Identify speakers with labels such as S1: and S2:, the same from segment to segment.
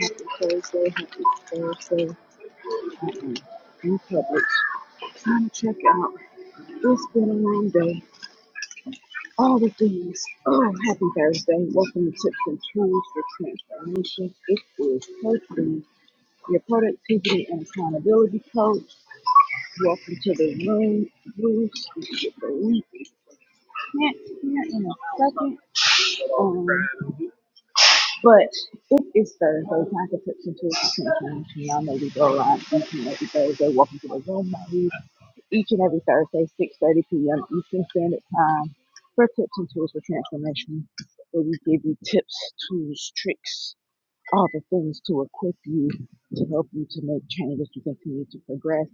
S1: Happy Thursday, happy Thursday. I am in public trying to check out. It's been a long day. All the things. Oh, happy Thursday. Welcome to Tips and Tools for Transformation. It is Coach Lee, your productivity and accountability coach. Welcome to the room. Bruce, you get the link. Can't hear in a second. Um, But it is Thursday. Time to put some tools to attention. Y'all know we go around each and every Thursday. Welcome to the room. Each and every Thursday, 6.30 p.m. Eastern Standard Time for tips and tools for transformation, where we give you tips, tools, tricks, all the things to equip you, to help you to make changes, to continue to progress.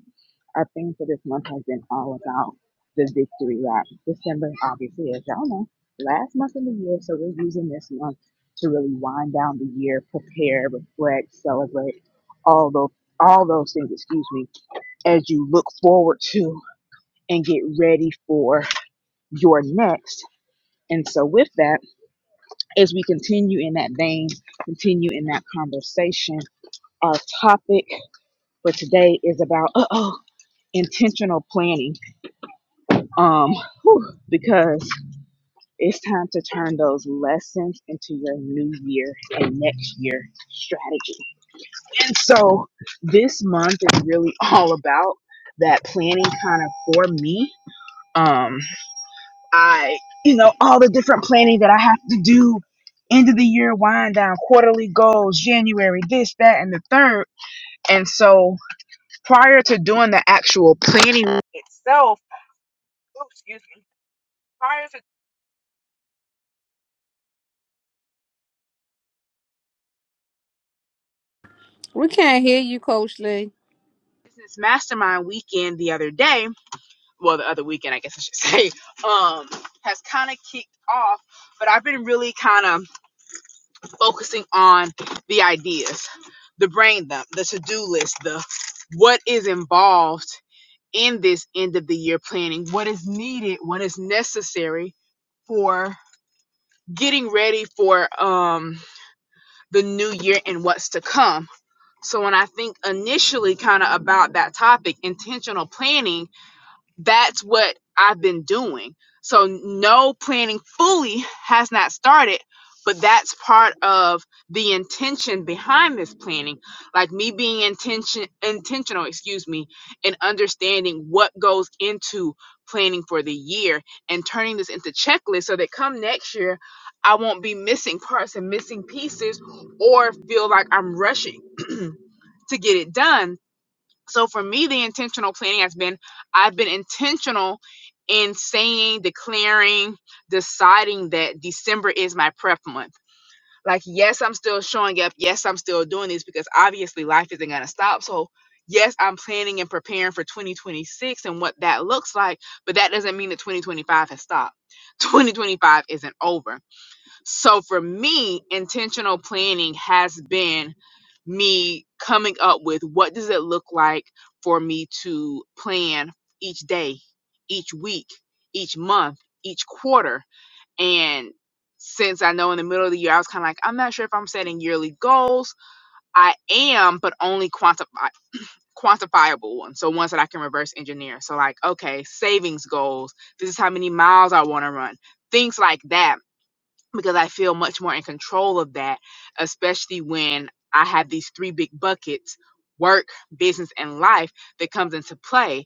S1: Our theme for this month has been all about the victory lap. December, obviously, as y'all know, last month of the year, so we're using this month to really wind down the year, prepare, reflect, celebrate, all those all those things, excuse me, as you look forward to and get ready for your next. And so with that, as we continue in that vein, continue in that conversation. Our topic for today is about uh oh intentional planning. Um, whew, because it's time to turn those lessons into your new year and next year strategy. And so this month is really all about that planning kind of for me. Um, I, you know, all the different planning that I have to do end of the year wind down, quarterly goals, January, this, that, and the third. And so prior to doing the actual planning itself, oops, excuse me, prior to
S2: We can't hear you, Coach Lee.
S1: business mastermind weekend the other day, well, the other weekend, I guess I should say, um, has kind of kicked off, but I've been really kind of focusing on the ideas, the brain dump, the to do list, the what is involved in this end of the year planning, what is needed, what is necessary for getting ready for um the new year and what's to come So when I think initially kind of about that topic, intentional planning, that's what I've been doing. So no planning fully has not started, but that's part of the intention behind this planning. Like me being intention intentional, excuse me, and understanding what goes into planning for the year and turning this into checklists so that come next year I won't be missing parts and missing pieces or feel like I'm rushing. to get it done. So for me, the intentional planning has been I've been intentional in saying, declaring, deciding that December is my prep month. Like, yes, I'm still showing up. Yes, I'm still doing this because obviously life isn't going to stop. So, yes, I'm planning and preparing for 2026 and what that looks like, but that doesn't mean that 2025 has stopped. 2025 isn't over. So for me, intentional planning has been me coming up with what does it look like for me to plan each day, each week, each month, each quarter. And since I know in the middle of the year I was kind of like I'm not sure if I'm setting yearly goals. I am, but only quantify quantifiable ones. So ones that I can reverse engineer. So like okay, savings goals, this is how many miles I want to run. Things like that because I feel much more in control of that, especially when I have these three big buckets work, business, and life that comes into play.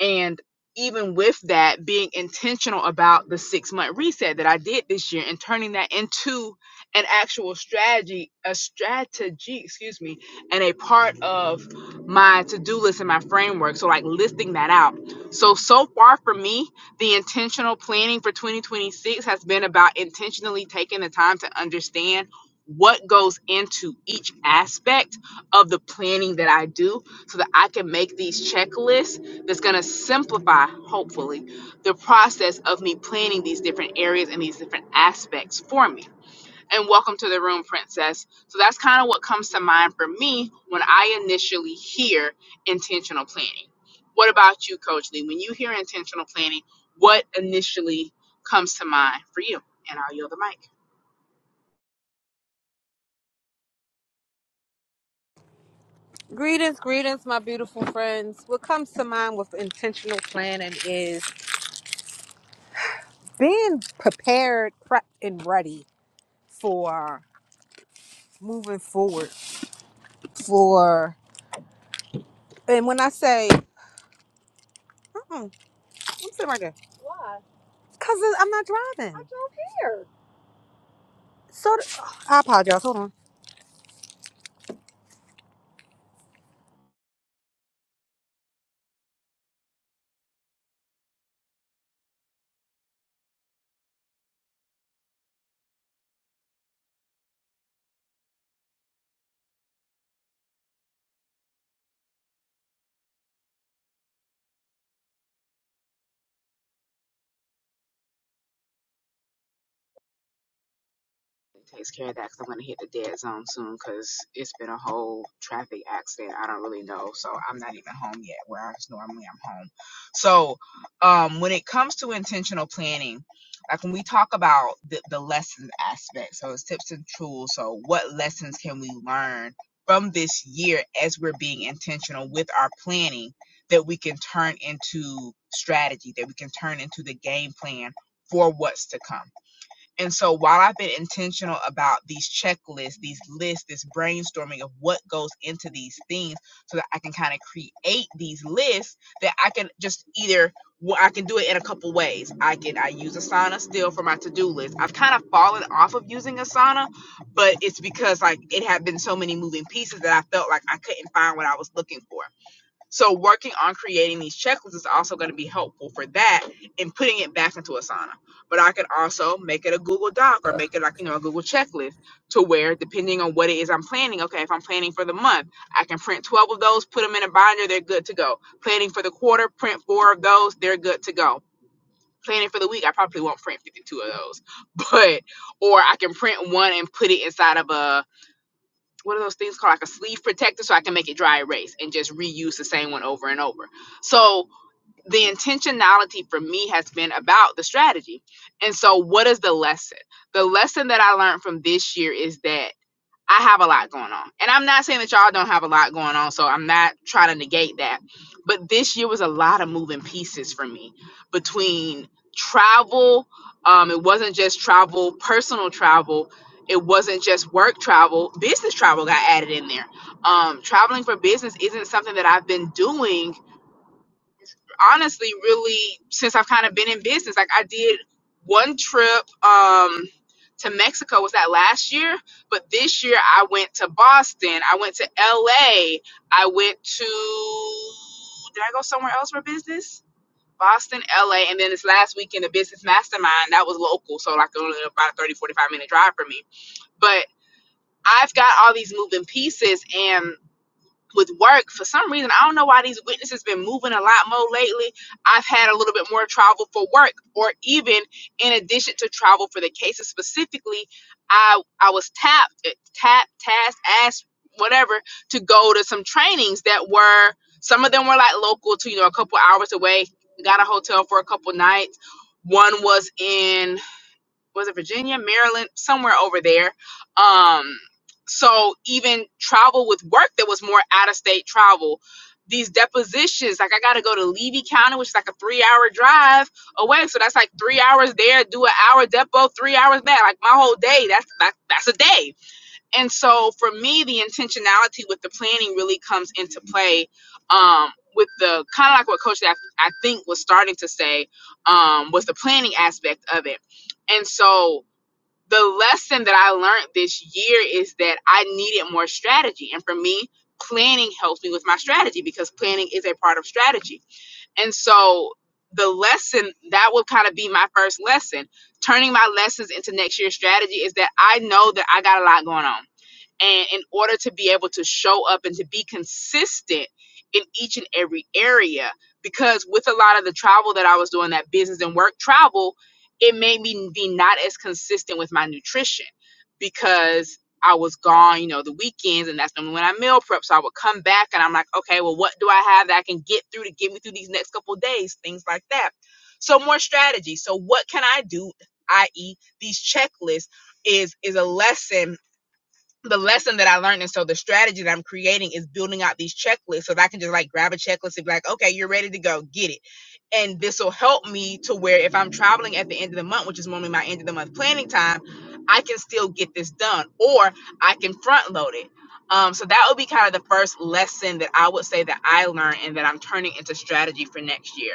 S1: And even with that, being intentional about the six month reset that I did this year and turning that into an actual strategy, a strategy, excuse me, and a part of my to do list and my framework. So, like listing that out. So, so far for me, the intentional planning for 2026 has been about intentionally taking the time to understand what goes into each aspect of the planning that I do so that I can make these checklists that's going to simplify, hopefully, the process of me planning these different areas and these different aspects for me. And welcome to the room, Princess. So that's kind of what comes to mind for me when I initially hear intentional planning. What about you, Coach Lee? When you hear intentional planning, what initially comes to mind for you? And I'll yield the mic.
S2: Greetings, greetings, my beautiful friends. What comes to mind with intentional planning is being prepared, prepped, and ready for moving forward. For and when I say, uh-uh, I'm sitting right there because I'm not driving. I drove here. So th- I apologize. Hold on.
S1: It takes care of that because i 'cause I'm gonna hit the dead zone soon because 'cause it's been a whole traffic accident. I don't really know, so I'm not even home yet. Whereas normally I'm home. So, um, when it comes to intentional planning, like when we talk about the, the lessons aspect, so it's tips and tools. So, what lessons can we learn from this year as we're being intentional with our planning that we can turn into strategy, that we can turn into the game plan for what's to come? And so while I've been intentional about these checklists, these lists, this brainstorming of what goes into these things so that I can kind of create these lists that I can just either well, I can do it in a couple ways. I can I use Asana still for my to-do list. I've kind of fallen off of using Asana, but it's because like it had been so many moving pieces that I felt like I couldn't find what I was looking for. So working on creating these checklists is also going to be helpful for that and putting it back into Asana. But I can also make it a Google Doc or make it like, you know, a Google checklist to where depending on what it is I'm planning, okay, if I'm planning for the month, I can print 12 of those, put them in a binder, they're good to go. Planning for the quarter, print four of those, they're good to go. Planning for the week, I probably won't print 52 of those. But or I can print one and put it inside of a what are those things called like a sleeve protector so i can make it dry erase and just reuse the same one over and over so the intentionality for me has been about the strategy and so what is the lesson the lesson that i learned from this year is that I have a lot going on. And I'm not saying that y'all don't have a lot going on, so I'm not trying to negate that. But this year was a lot of moving pieces for me between travel. Um, it wasn't just travel, personal travel. It wasn't just work travel. Business travel got added in there. Um, traveling for business isn't something that I've been doing honestly really since I've kind of been in business. Like I did one trip um to Mexico was that last year, but this year I went to Boston, I went to LA, I went to did I go somewhere else for business? Boston, LA, and then this last weekend the business mastermind that was local, so like only about a 30 forty-five minute drive for me. But I've got all these moving pieces and with work for some reason i don't know why these witnesses been moving a lot more lately i've had a little bit more travel for work or even in addition to travel for the cases specifically i i was tapped eh, tapped tasked asked whatever to go to some trainings that were some of them were like local to you know a couple hours away got a hotel for a couple nights one was in was it Virginia, Maryland, somewhere over there. Um, so even travel with work that was more out of state travel. These depositions, like I gotta go to Levy County, which is like a three hour drive away. So that's like three hours there, do an hour depo, three hours back. Like my whole day, that's that, that's a day and so for me the intentionality with the planning really comes into play um with the kind of like what coach I, I think was starting to say um was the planning aspect of it and so the lesson that i learned this year is that i needed more strategy and for me planning helps me with my strategy because planning is a part of strategy and so the lesson that would kind of be my first lesson turning my lessons into next year's strategy is that i know that i got a lot going on and in order to be able to show up and to be consistent in each and every area, because with a lot of the travel that I was doing, that business and work travel, it made me be not as consistent with my nutrition because I was gone, you know, the weekends, and that's normally when I meal prep. So I would come back and I'm like, okay, well, what do I have that I can get through to get me through these next couple of days? Things like that. So more strategy. So what can I do? i.e. these checklists is is a lesson the lesson that I learned, and so the strategy that I'm creating is building out these checklists so that I can just like grab a checklist and be like, okay, you're ready to go, get it. And this will help me to where if I'm traveling at the end of the month, which is normally my end of the month planning time, I can still get this done or I can front load it. Um, so that would be kind of the first lesson that I would say that I learned and that I'm turning into strategy for next year.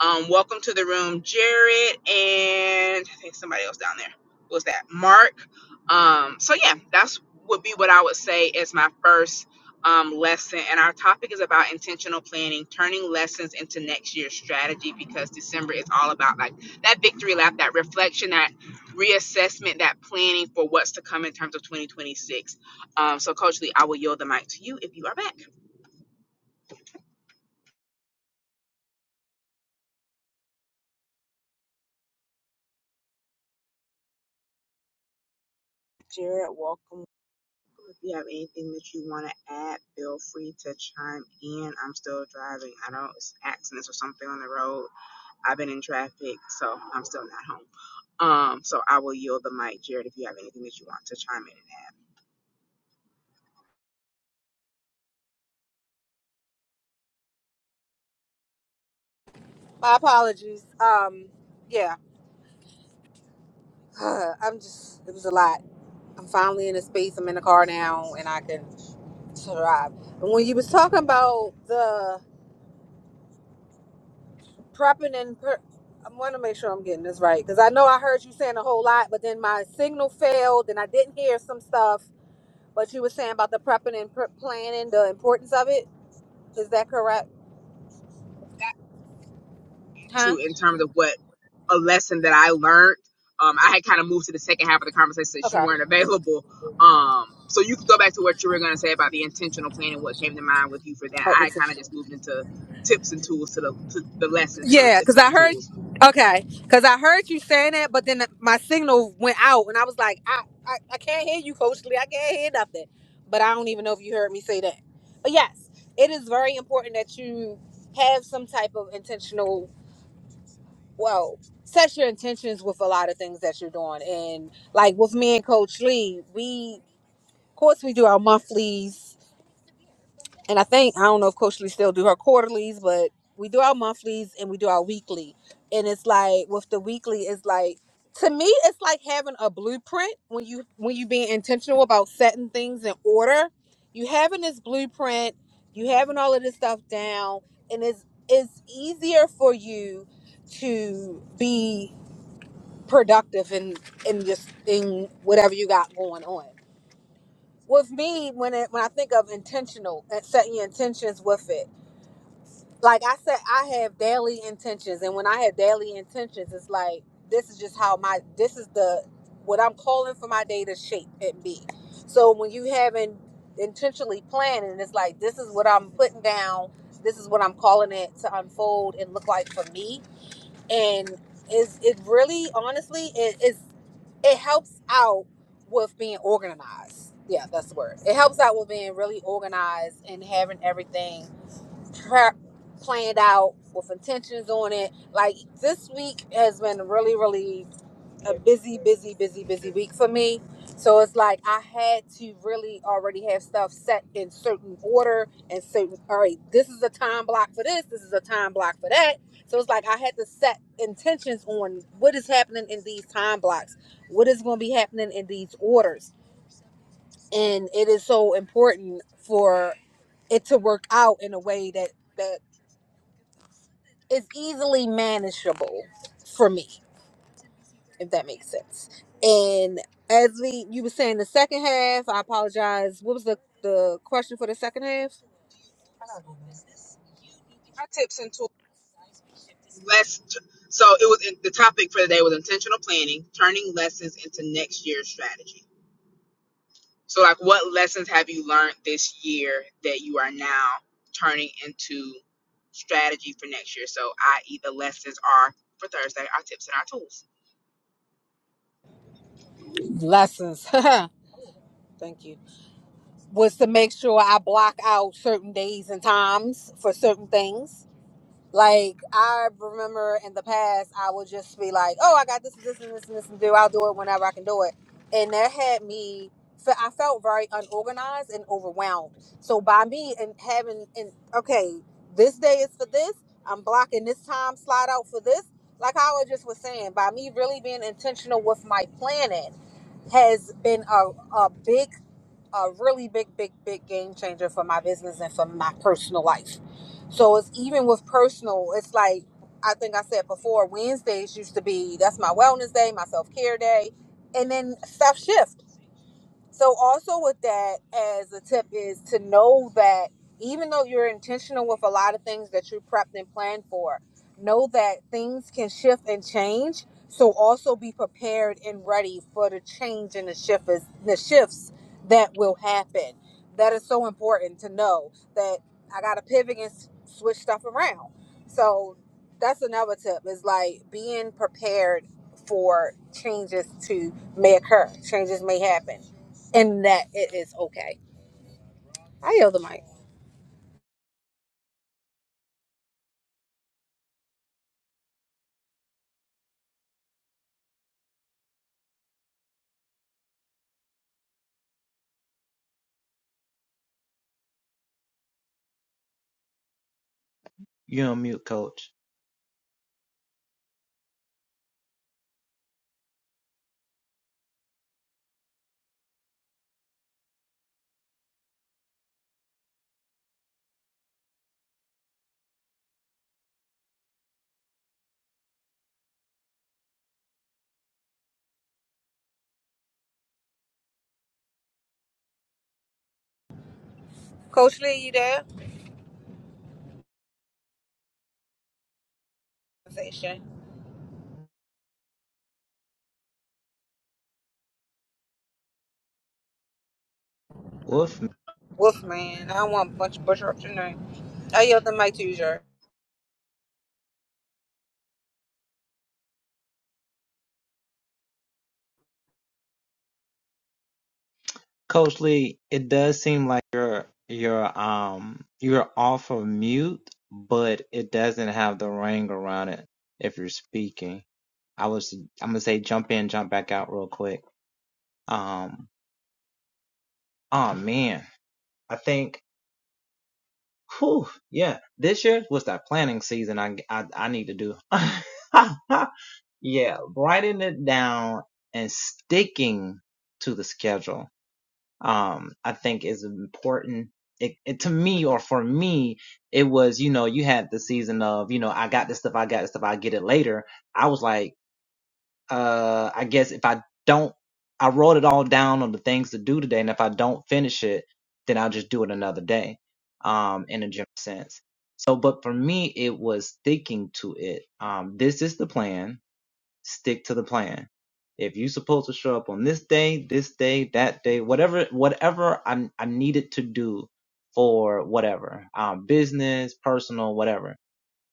S1: Um, welcome to the room, Jared, and I think somebody else down there. What's that? Mark. Um, so yeah, that's would be what I would say is my first um, lesson. And our topic is about intentional planning, turning lessons into next year's strategy because December is all about like that victory lap, that reflection, that reassessment, that planning for what's to come in terms of 2026. Um, so, Coach Lee, I will yield the mic to you if you are back. Jared, welcome. If you have anything that you want to add, feel free to chime in. I'm still driving. I don't know it's accidents or something on the road I've been in traffic, so I'm still not home. Um, so I will yield the mic, Jared, if you have anything that you want to chime in. and
S2: My apologies. Um, yeah, I'm just. It was a lot. I'm finally in a space. I'm in the car now, and I can. Thrive. And when you was talking about the prepping and per- I want to make sure I'm getting this right because I know I heard you saying a whole lot, but then my signal failed and I didn't hear some stuff. But you were saying about the prepping and pre- planning, the importance of it. Is that correct?
S1: add
S2: Huh?
S1: To in terms of what a lesson that I learned, um, I had kind of moved to the second half of the conversation since you
S2: Okay.
S1: weren't available. Um, so you could go back to what you were going to say about the intentional plan and what came to mind with you for that.
S2: Oh,
S1: I
S2: it's
S1: kind of
S2: a-
S1: just moved into tips and tools to the to the lessons, so the
S2: Yeah,
S1: tips
S2: because
S1: and the
S2: I heard.
S1: tools.
S2: Okay, because I heard you saying that, but then my signal went out, and I was like, I, I, I can't hear you, Coach Lee. I can't hear nothing. But I don't even know if you heard me say that. But yes, it is very important that you have some type of intentional. Well, set your intentions with a lot of things that you're doing, and like with me and Coach Lee, we, of course, we do our monthlies and I think I don't know if Coach Lee still do her quarterlies, but we do our monthlies and we do our weekly. And it's like with the weekly, it's like to me, it's like having a blueprint when you when you being intentional about setting things in order. You having this blueprint, you having all of this stuff down, and it's it's easier for you to be productive in in just in whatever you got going on. With me, when it, when I think of intentional and setting your intentions with it like I said, I have daily intentions, and when I have daily intentions, it's like this is just how my this is the what I'm calling for my day to shape and be. So when you haven't intentionally planning, it's like this is what I'm putting down. This is what I'm calling it to unfold and look like for me, and is it really honestly it is it helps out with being organized. Yeah, that's the word. It helps out with being really organized and having everything pre- planned out with intentions on it. Like this week has been really, really a busy, busy, busy, busy week for me. So it's like I had to really already have stuff set in certain order and certain. All right, this is a time block for this. This is a time block for that. So it's like I had to set intentions on what is happening in these time blocks, what is going to be happening in these orders, and it is so important for it to work out in a way that that is easily manageable for me, if that makes sense. And as we you were saying the second half, I apologize. What was the the question for the second half?
S1: Our tips and tools. Less. So it was the topic for the day was intentional planning, turning lessons into next year's strategy. So, like, what lessons have you learned this year that you are now turning into strategy for next year? So, i.e., the lessons are for Thursday, our tips and our tools.
S2: Lessons. Thank you. Was to make sure I block out certain days and times for certain things Like I remember in the past, I would just be like, "Oh, I got this, this, and this, and this to do. I'll do it whenever I can do it." And that had me. fe- I felt very unorganized and overwhelmed. So by me and having and okay, this day is for this. I'm blocking this time slot out for this. Like how I just was saying, by me really being intentional with my planning has been a, a big a really big, big, big game changer for my business and for my personal life. So it's even with personal, it's like I think I said before, Wednesdays used to be that's my wellness day, my self care day, and then stuff shift. So also with that as a tip is to know that even though you're intentional with a lot of things that you prepped and planned for, know that things can shift and change. So also be prepared and ready for the change and the shift is, the shifts that will happen. That is so important to know that I gotta pivot and s- switch stuff around. So that's another tip is like being prepared for changes to may occur. Changes may happen. And that it is okay. I yield the mic.
S3: You're on mute, Coach.
S2: Coach Lee, you there? Conversation.
S3: Wolf,
S2: Wolfman. I don't want a bunch of butcher up your name. I yield the mic to you, Jer.
S3: Coach Lee, it does seem like you're you're um you're off of mute, but it doesn't have the ring around it if you're speaking. I was I'm gonna say jump in, jump back out real quick. Um, oh man, I think, whew, yeah, this year was that planning season. I I, I need to do. yeah, writing it down and sticking to the schedule um, I think is important. It, it to me or for me, it was, you know, you had the season of, you know, I got this stuff, I got this stuff, I'll get it later. I was like, uh, I guess if I don't, I wrote it all down on the things to do today. And if I don't finish it, then I'll just do it another day, um, in a general sense. So, but for me, it was sticking to it. Um, this is the plan stick to the plan. If you're supposed to show up on this day, this day, that day, whatever, whatever I, I needed to do for whatever, um, business, personal, whatever,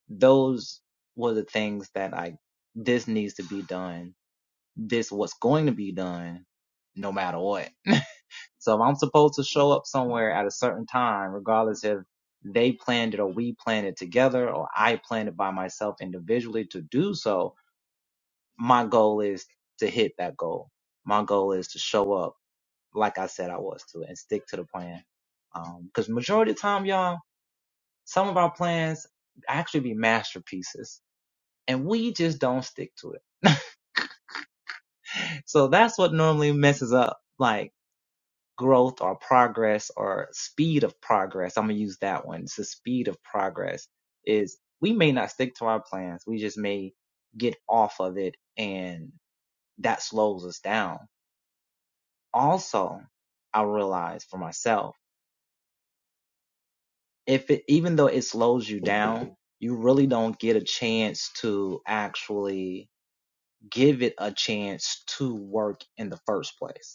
S3: those were the things that I, this needs to be done. This what's going to be done no matter what. So if I'm supposed to show up somewhere at a certain time, regardless if they planned it or we planned it together or I planned it by myself individually to do so, my goal is to hit that goal. My goal is to show up like I said I was to and stick to the plan. Um, cause majority of the time, y'all, some of our plans actually be masterpieces and we just don't stick to it. So that's what normally messes up like growth or progress or speed of progress. I'm going to use that one. It's the speed of progress is we may not stick to our plans. We just may get off of it and that slows us down also I realized for myself, if it even though it slows you down, you really don't get a chance to actually give it a chance to work in the first place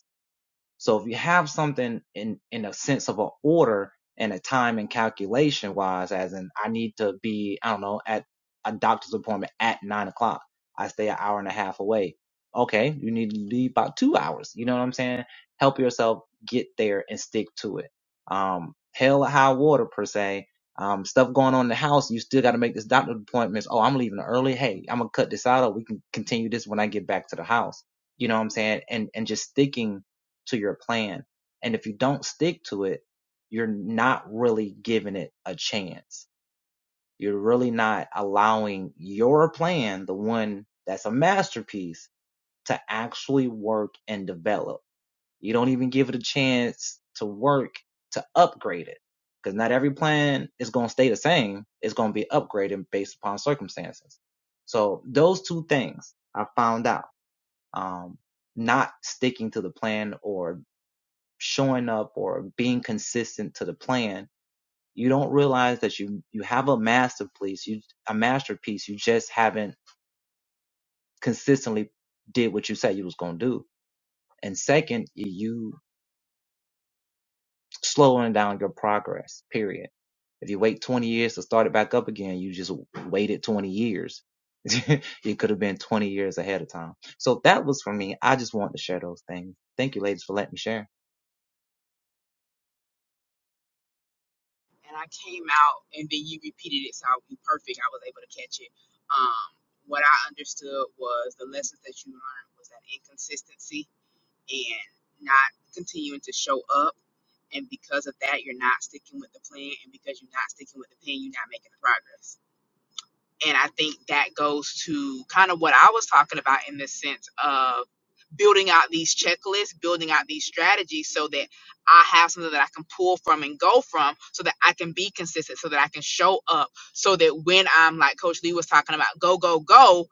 S3: So if you have something in in a sense of an order and a time and calculation wise, as in I need to be, I don't know, at a doctor's appointment at nine o'clock. I stay an hour and a half away. Okay, you need to leave about two hours. You know what I'm saying? Help yourself get there and stick to it. Um, hell or high water per se. Um, stuff going on in the house, you still got to make this doctor appointments. Oh, I'm leaving early. Hey, I'm gonna cut this out, or we can continue this when I get back to the house. You know what I'm saying? And and just sticking to your plan. And if you don't stick to it, you're not really giving it a chance. You're really not allowing your plan, the one that's a masterpiece, to actually work and develop. You don't even give it a chance to work to upgrade it. Because not every plan is going to stay the same. It's going to be upgraded based upon circumstances. So those two things I found out. Um, not sticking to the plan or showing up or being consistent to the plan, you don't realize that you you have a masterpiece, you a masterpiece. You just haven't consistently did what you said you was gonna do. And second, you slowing down your progress. Period. If you wait 20 years to start it back up again, you just waited 20 years. it could have been 20 years ahead of time. So that was for me. I just wanted to share those things. Thank you, ladies, for letting me share.
S1: And I came out, and then you repeated it, so I'll be perfect. I was able to catch it. Um, what I understood was the lessons that you learned was that inconsistency and not continuing to show up. And because of that, you're not sticking with the plan. And because you're not sticking with the plan, you're not making the progress And I think that goes to kind of what I was talking about in the sense of building out these checklists, building out these strategies so that I have something that I can pull from and go from so that I can be consistent, so that I can show up, so that when I'm like Coach Lee was talking about, go, go, go,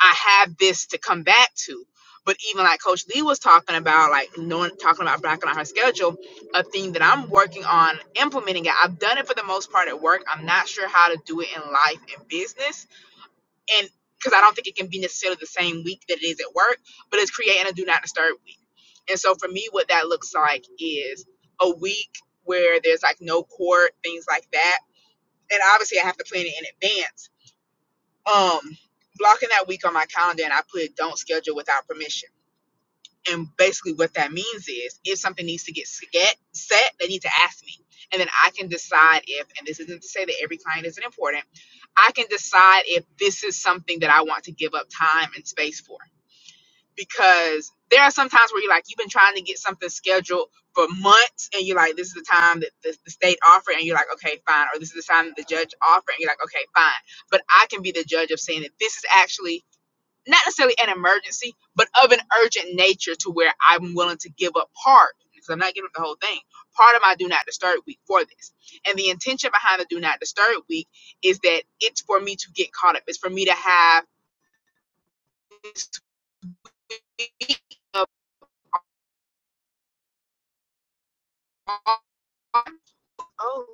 S1: I have this to come back to. But even like Coach Lee was talking about, like knowing, talking about blacking on her schedule, a thing that I'm working on implementing it. I've done it for the most part at work. I'm not sure how to do it in life and business and because I don't think it can be necessarily the same week that it is at work, but it's creating a do not disturb week. And so for me, what that looks like is a week where there's like no court, things like that. And obviously, I have to plan it in advance. Um, blocking that week on my calendar, and I put don't schedule without permission and basically, what that means is if something needs to get sca- set, they need to ask me. And then I can decide if, and this isn't to say that every client isn't important, I can decide if this is something that I want to give up time and space for. Because there are some times where you're like, you've been trying to get something scheduled for months, and you're like, this is the time that the, the state offered, and you're like, okay, fine. Or this is the time that the judge offered, and you're like, okay, fine. But I can be the judge of saying that this is actually not necessarily an emergency, but of an urgent nature to where I'm willing to give up part, because I'm not giving up the whole thing, part of my do not disturb week for this. And the intention behind the do not disturb week is that it's for me to get caught up. It's for me to have this week of oh,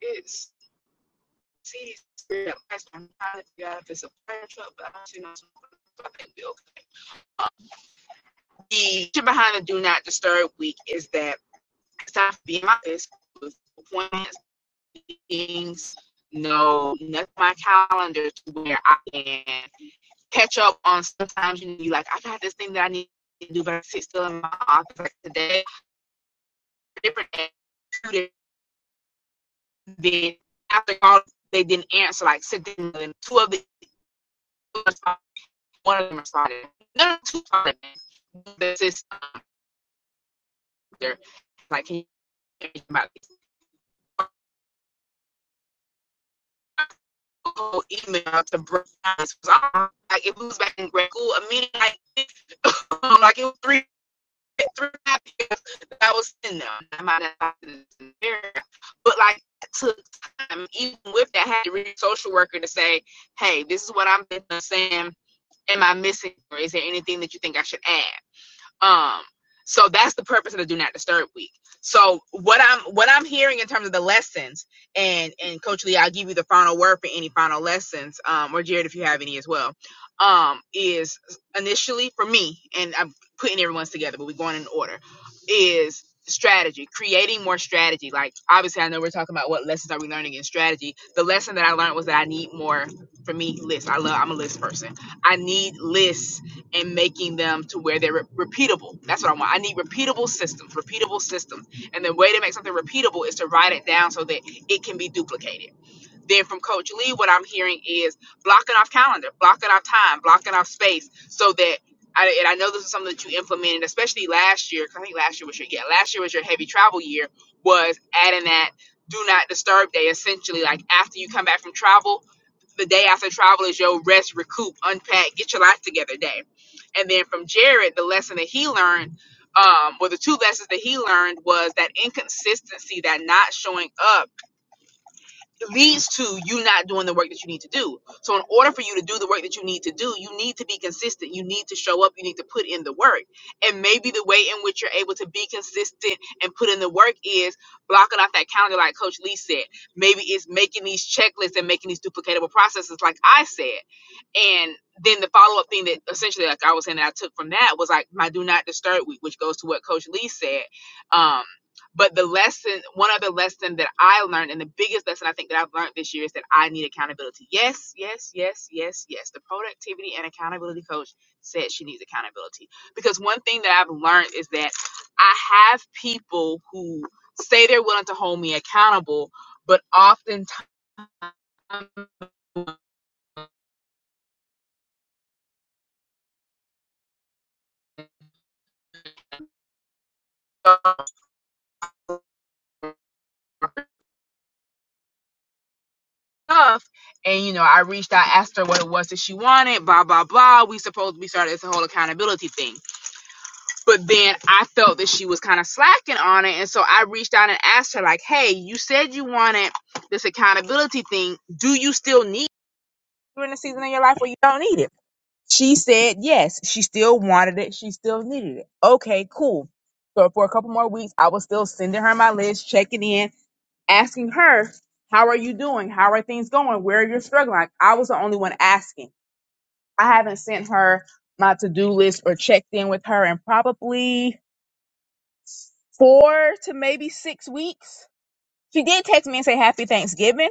S1: it's see last time I'm trying a prayer truck, but I don't see no I think we'll be okay. Uh, The intention behind the do not disturb week is that it's time for me in my office with appointments. meetings, no nothing on my calendar to where I can catch up on sometimes you know you like I got this thing that I need to do but I sit still in my office like today different day, two days, then after all they didn't answer like sit down and two of the one of them responded. No no two responded the system like can you about this? whole email to break down like if it was back in grade school a meeting like this, like it was three three and a half years that I was in there. I might not been there, but like it took time. Even with that, I had to read social worker to say, "Hey, this is what I'm saying. Am I missing, or is there anything that you think I should add?" Um, so that's the purpose of the do not disturb week. So what I'm what I'm hearing in terms of the lessons, and and Coach Lee, I'll give you the final word for any final lessons, um, or Jared if you have any as well. Um, is initially for me, and I'm putting everyone's together, but we're going in order. Is strategy creating more strategy like obviously i know we're talking about what lessons are we learning in strategy the lesson that i learned was that i need more for me lists i love i'm a list person i need lists and making them to where they're re- repeatable. That's what I want. I need repeatable systems, repeatable systems. And the way to make something repeatable is to write it down so that it can be duplicated. Then from Coach Lee, what I'm hearing is blocking off calendar, blocking off time, blocking off space, so that I, and I know this is something that you implemented, especially last year. 'cause I think last year was your yeah, last year was your heavy travel year. Was adding that do not disturb day essentially, like after you come back from travel, the day after travel is your rest, recoup, unpack, get your life together day. And then from Jared, the lesson that he learned, um, or the two lessons that he learned was that inconsistency, that not showing up leads to you not doing the work that you need to do. So in order for you to do the work that you need to do, you need to be consistent. You need to show up. You need to put in the work. And maybe the way in which you're able to be consistent and put in the work is blocking off that calendar like Coach Lee said. Maybe it's making these checklists and making these duplicatable processes like I said. And then the follow up thing that essentially, like I was saying, that I took from that was like my do not disturb week, which goes to what Coach Lee said. Um, but the lesson, one other lesson that I learned, and the biggest lesson I think that I've learned this year is that I need accountability. Yes, yes, yes, yes, yes. The productivity and accountability coach said she needs accountability because one thing that I've learned is that I have people who say they're willing to hold me accountable, but oftentimes stuff. And you know, I reached out, asked her what it was that she wanted, blah blah blah. We supposed we started this whole accountability thing, but then I felt that she was kind of slacking on it, and so I reached out and asked her like, "Hey, you said you wanted this accountability thing. Do you still need? it? You're in a season of your life where you don't need it." She said yes. She still wanted it. She still needed it. Okay, cool. So for a couple more weeks, I was still sending her my list, checking in, asking her, How are you doing? How are things going? Where are you struggling? Like, I was the only one asking. I haven't sent her my to do list or checked in with her in probably four to maybe six weeks. She did text me and say Happy Thanksgiving.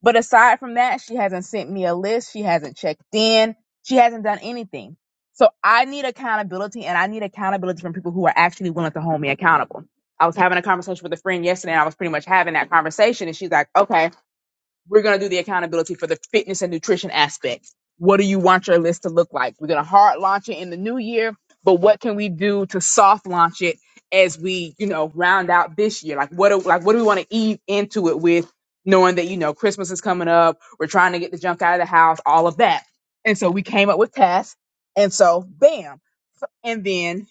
S1: But aside from that, she hasn't sent me a list. She hasn't checked in. She hasn't done anything. So I need accountability and I need accountability from people who are actually willing to hold me accountable. I was having a conversation with a friend yesterday and I was pretty much having that conversation. And she's like, okay, we're going to do the accountability for the fitness and nutrition aspect. What do you want your list to look like? We're going to hard launch it in the new year, but what can we do to soft launch it as we, you know, round out this year? Like what do, like what do we want to eat into it with knowing that, you know, Christmas is coming up, we're trying to get the junk out of the house, all of that. And so we came up with tasks. And so bam. So- and then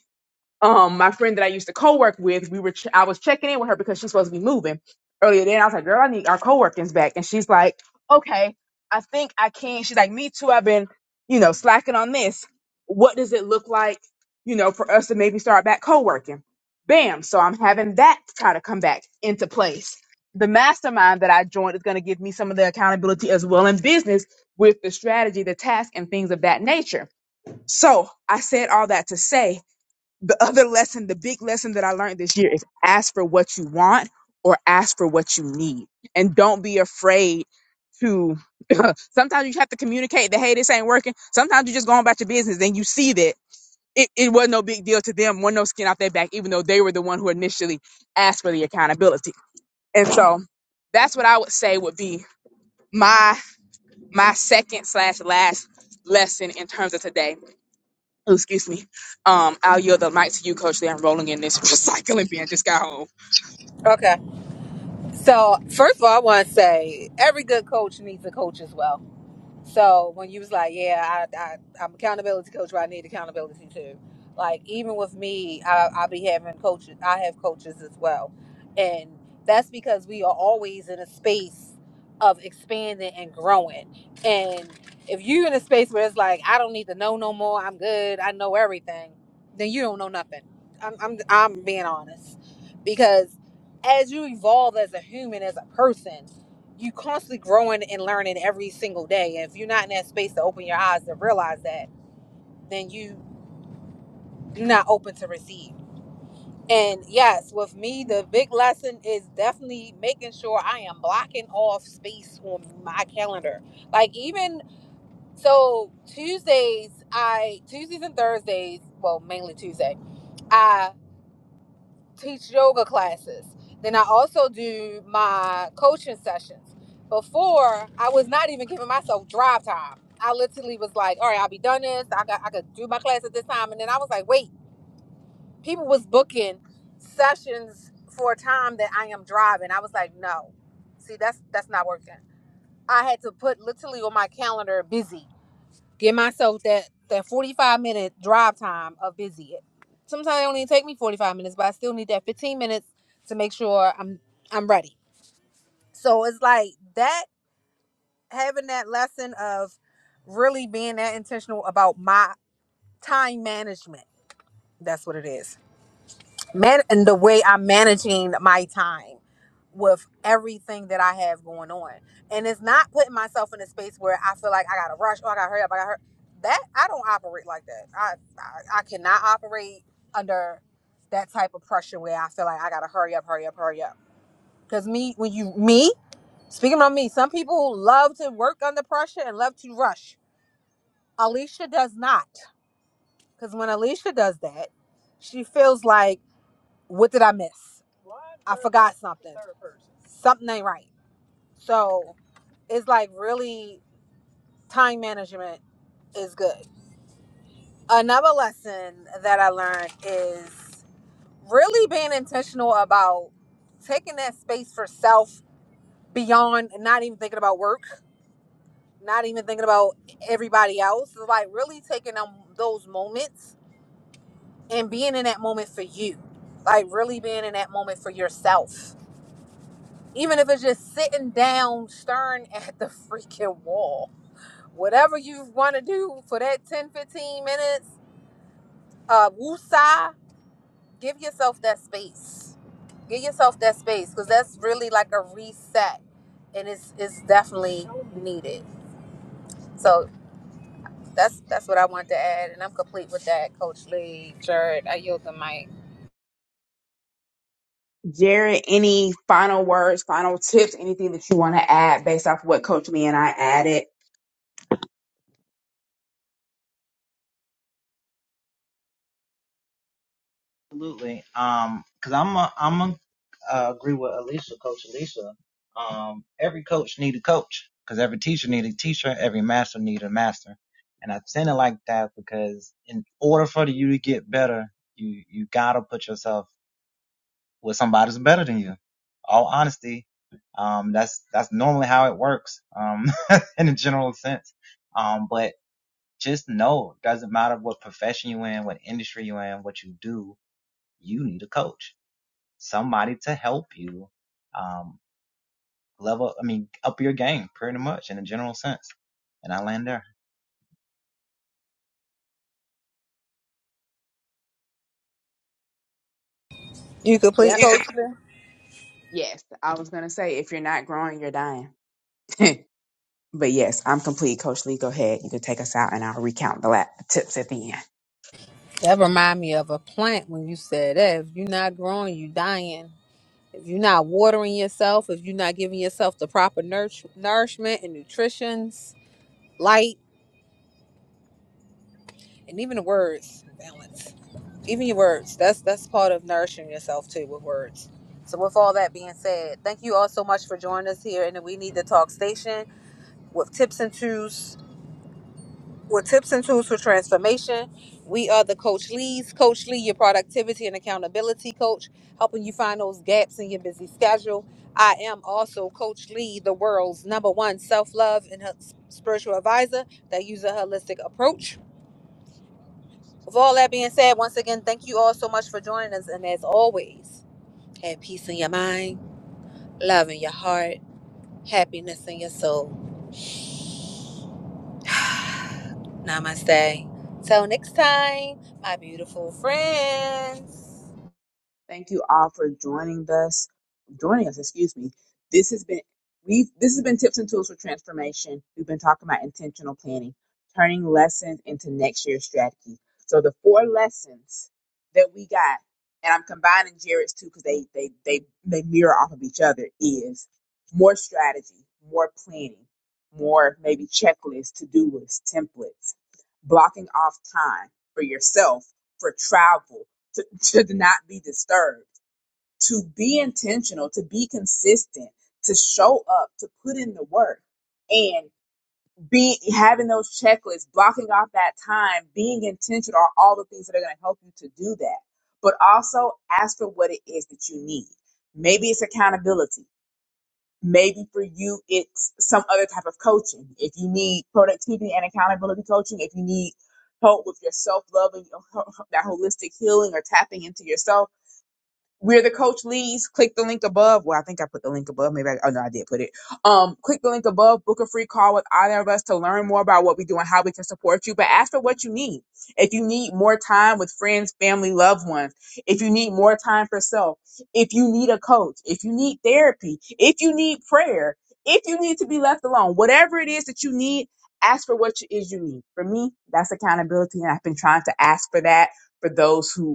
S1: um my friend that I used to co-work with, we were ch- I was checking in with her because she's supposed to be moving earlier. Then I was like, girl, I need our co-workings back, and she's like, okay, I think I can. She's like, me too. I've been, you know, slacking on this. What does it look like, you know, for us to maybe start back co-working? Bam! So I'm having that try to come back into place. The mastermind that I joined is going to give me some of the accountability as well in business with the strategy, the task, and things of that nature. So I said all that to say the other lesson, the big lesson that I learned this year is ask for what you want or ask for what you need. And don't be afraid to sometimes you have to communicate that hey, this ain't working. Sometimes you just go on about your business, then you see that it, it was no big deal to them, was no skin off their back, even though they were the one who initially asked for the accountability. And so that's what I would say would be my my second slash last lesson in terms of today Oh, excuse me. Um, I'll yield the mic to you, Coach. That I'm rolling in this recycling bin. Just got home.
S2: Okay. So first of all I wanna say every good coach needs a coach as well So when you was like, yeah, I, I I'm accountability coach, but I need accountability too. Like even with me, I, I be having coaches. I have coaches as well, and that's because we are always in a space of expanding and growing. And if you're in a space where it's like, I don't need to know no more. I'm good. I know everything. Then you don't know nothing. I'm I'm, I'm being honest, because as you evolve as a human, as a person you constantly growing and learning every single day. And if you're not in that space to open your eyes to realize that, then you you're not open to receive. And yes, with me, the big lesson is definitely making sure I am blocking off space on my calendar. Like even so Tuesdays, I Tuesdays and Thursdays, well mainly Tuesday, I. teach yoga classes. Then I also do my coaching sessions. Before I was not even giving myself drive time. I literally was like, all right, I'll be done this. I got I could do my class at this time. And then I was like, wait, people was booking sessions for a time that I am driving. I was like, no. See, that's that's not working. I had to put literally on my calendar busy Give myself that that 45 minute drive time of busy. Sometimes it only take me 45 minutes, but I still need that 15 minutes to make sure I'm I'm ready. So it's like that having that lesson of really being that intentional about my time management. That's what it is. Man and the way I'm managing my time. with everything that I have going on. And it's not putting myself in a space where I feel like I gotta rush, or I gotta hurry up, I gotta hurry. That I don't operate like that. I, I I cannot operate under that type of pressure where I feel like I gotta hurry up, hurry up, hurry up. Cause me when you me, speaking about me, some people love to work under pressure and love to rush. Alicia does not. Cause when Alicia does that, she feels like, what did I miss? I forgot something. Something ain't right. So it's like really time management is good. Another lesson that I learned is really being intentional about taking that space for self beyond not even thinking about work, not even thinking about everybody else. It's like really taking them those moments and being in that moment for you. Like really being in that moment for yourself. Even if it's just sitting down staring at the freaking wall whatever you want to do for that 10 15 minutes uh woosah give yourself that space give yourself that space because that's really like a reset and it's it's definitely needed so that's that's what i wanted to add and i'm complete with that coach lee yield the mic
S1: Jared, any final words, final tips, anything that you want to add based off what Coach Lee and I added?
S3: Absolutely. Um, cause I'm a, I'm a, uh, agree with Alicia, Coach Alicia. Um, every coach need a coach, cause every teacher need a teacher, every master need a master. And I send it like that because in order for you to get better, you you gotta put yourself with somebody who's better than you. All honesty, um, that's that's normally how it works, um, in a general sense. Um, but just know, it doesn't matter what profession you're in, what industry you're in, what you do, you need a coach somebody to help you um, level. I mean, up your game pretty much in a general sense. And I land there.
S2: You complete,
S1: Yep. You
S2: coach?
S1: can- Yes, I was gonna say if you're not growing, you're dying. But yes, I'm complete. Coach Lee, go ahead. You can take us out and I'll recount the lap tips at the end.
S2: That remind me of a plant when you said that. If you're not growing, you dying. If you're not watering yourself, if you're not giving yourself the proper nourish- nourishment and nutrition,s light. and even the words balance even your words that's that's part of nourishing yourself too with words so with all that being said thank you all so much for joining us here in the we need to talk station with tips and tools with tips and tools for transformation we are the coach lee's coach lee your productivity and accountability coach helping you find those gaps in your busy schedule i am also coach lee the world's number one self-love and her spiritual advisor that uses a holistic approach With all that being said, once again, thank you all so much for joining us. And as always, have peace in your mind, love in your heart, happiness in your soul. Namaste. Till next time, my beautiful friends.
S1: Thank you all for joining us. Joining us, excuse me. This has been we. This has been tips and tools for transformation. We've been talking about intentional planning, turning lessons into next year's strategy. So the four lessons that we got, and I'm combining Jared's too because they they they they mirror off of each other. Is more strategy, more planning, more maybe checklists, to do lists, templates, blocking off time for yourself for travel to, to not be disturbed, to be intentional, to be consistent, to show up, to put in the work and be having those checklists, blocking off that time, being intentional are all the things that are going to help you to do that. But also ask for what it is that you need. Maybe it's accountability. Maybe for you, it's some other type of coaching. If you need productivity and accountability coaching, if you need help with your self loving, that holistic healing or tapping into yourself, we're the coach leads. Click the link above. Well, I think I put the link above. Maybe I, oh no, I did put it. Um, click the link above. Book a free call with either of us to learn more about what we do and how we can support you. But ask for what you need. If you need more time with friends, family, loved ones. If you need more time for self. If you need a coach. If you need therapy. If you need prayer. If you need to be left alone. Whatever it is that you need, ask for what it is you need. For me, that's accountability, and I've been trying to ask for that for those who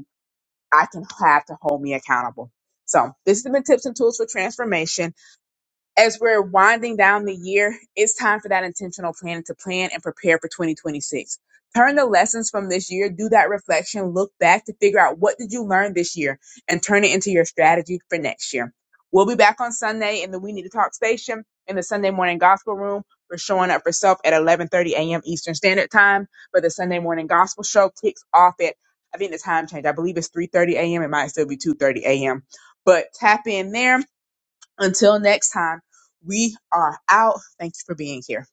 S1: I can have to hold me accountable. So this has been tips and tools for transformation as we're winding down the year, it's time for that intentional planning to plan and prepare for 2026. Turn the lessons from this year, do that reflection, look back to figure out what did you learn this year and turn it into your strategy for next year. We'll be back on Sunday in the We Need to Talk station in the Sunday morning gospel room. We're showing up for self at 11:30 a.m. Eastern Standard Time, but the Sunday morning gospel show kicks off at I think the time change. I believe it's 3:30 a.m. It might still be 2:30 a.m. But tap in there until next time, we are out. Thank you for being here.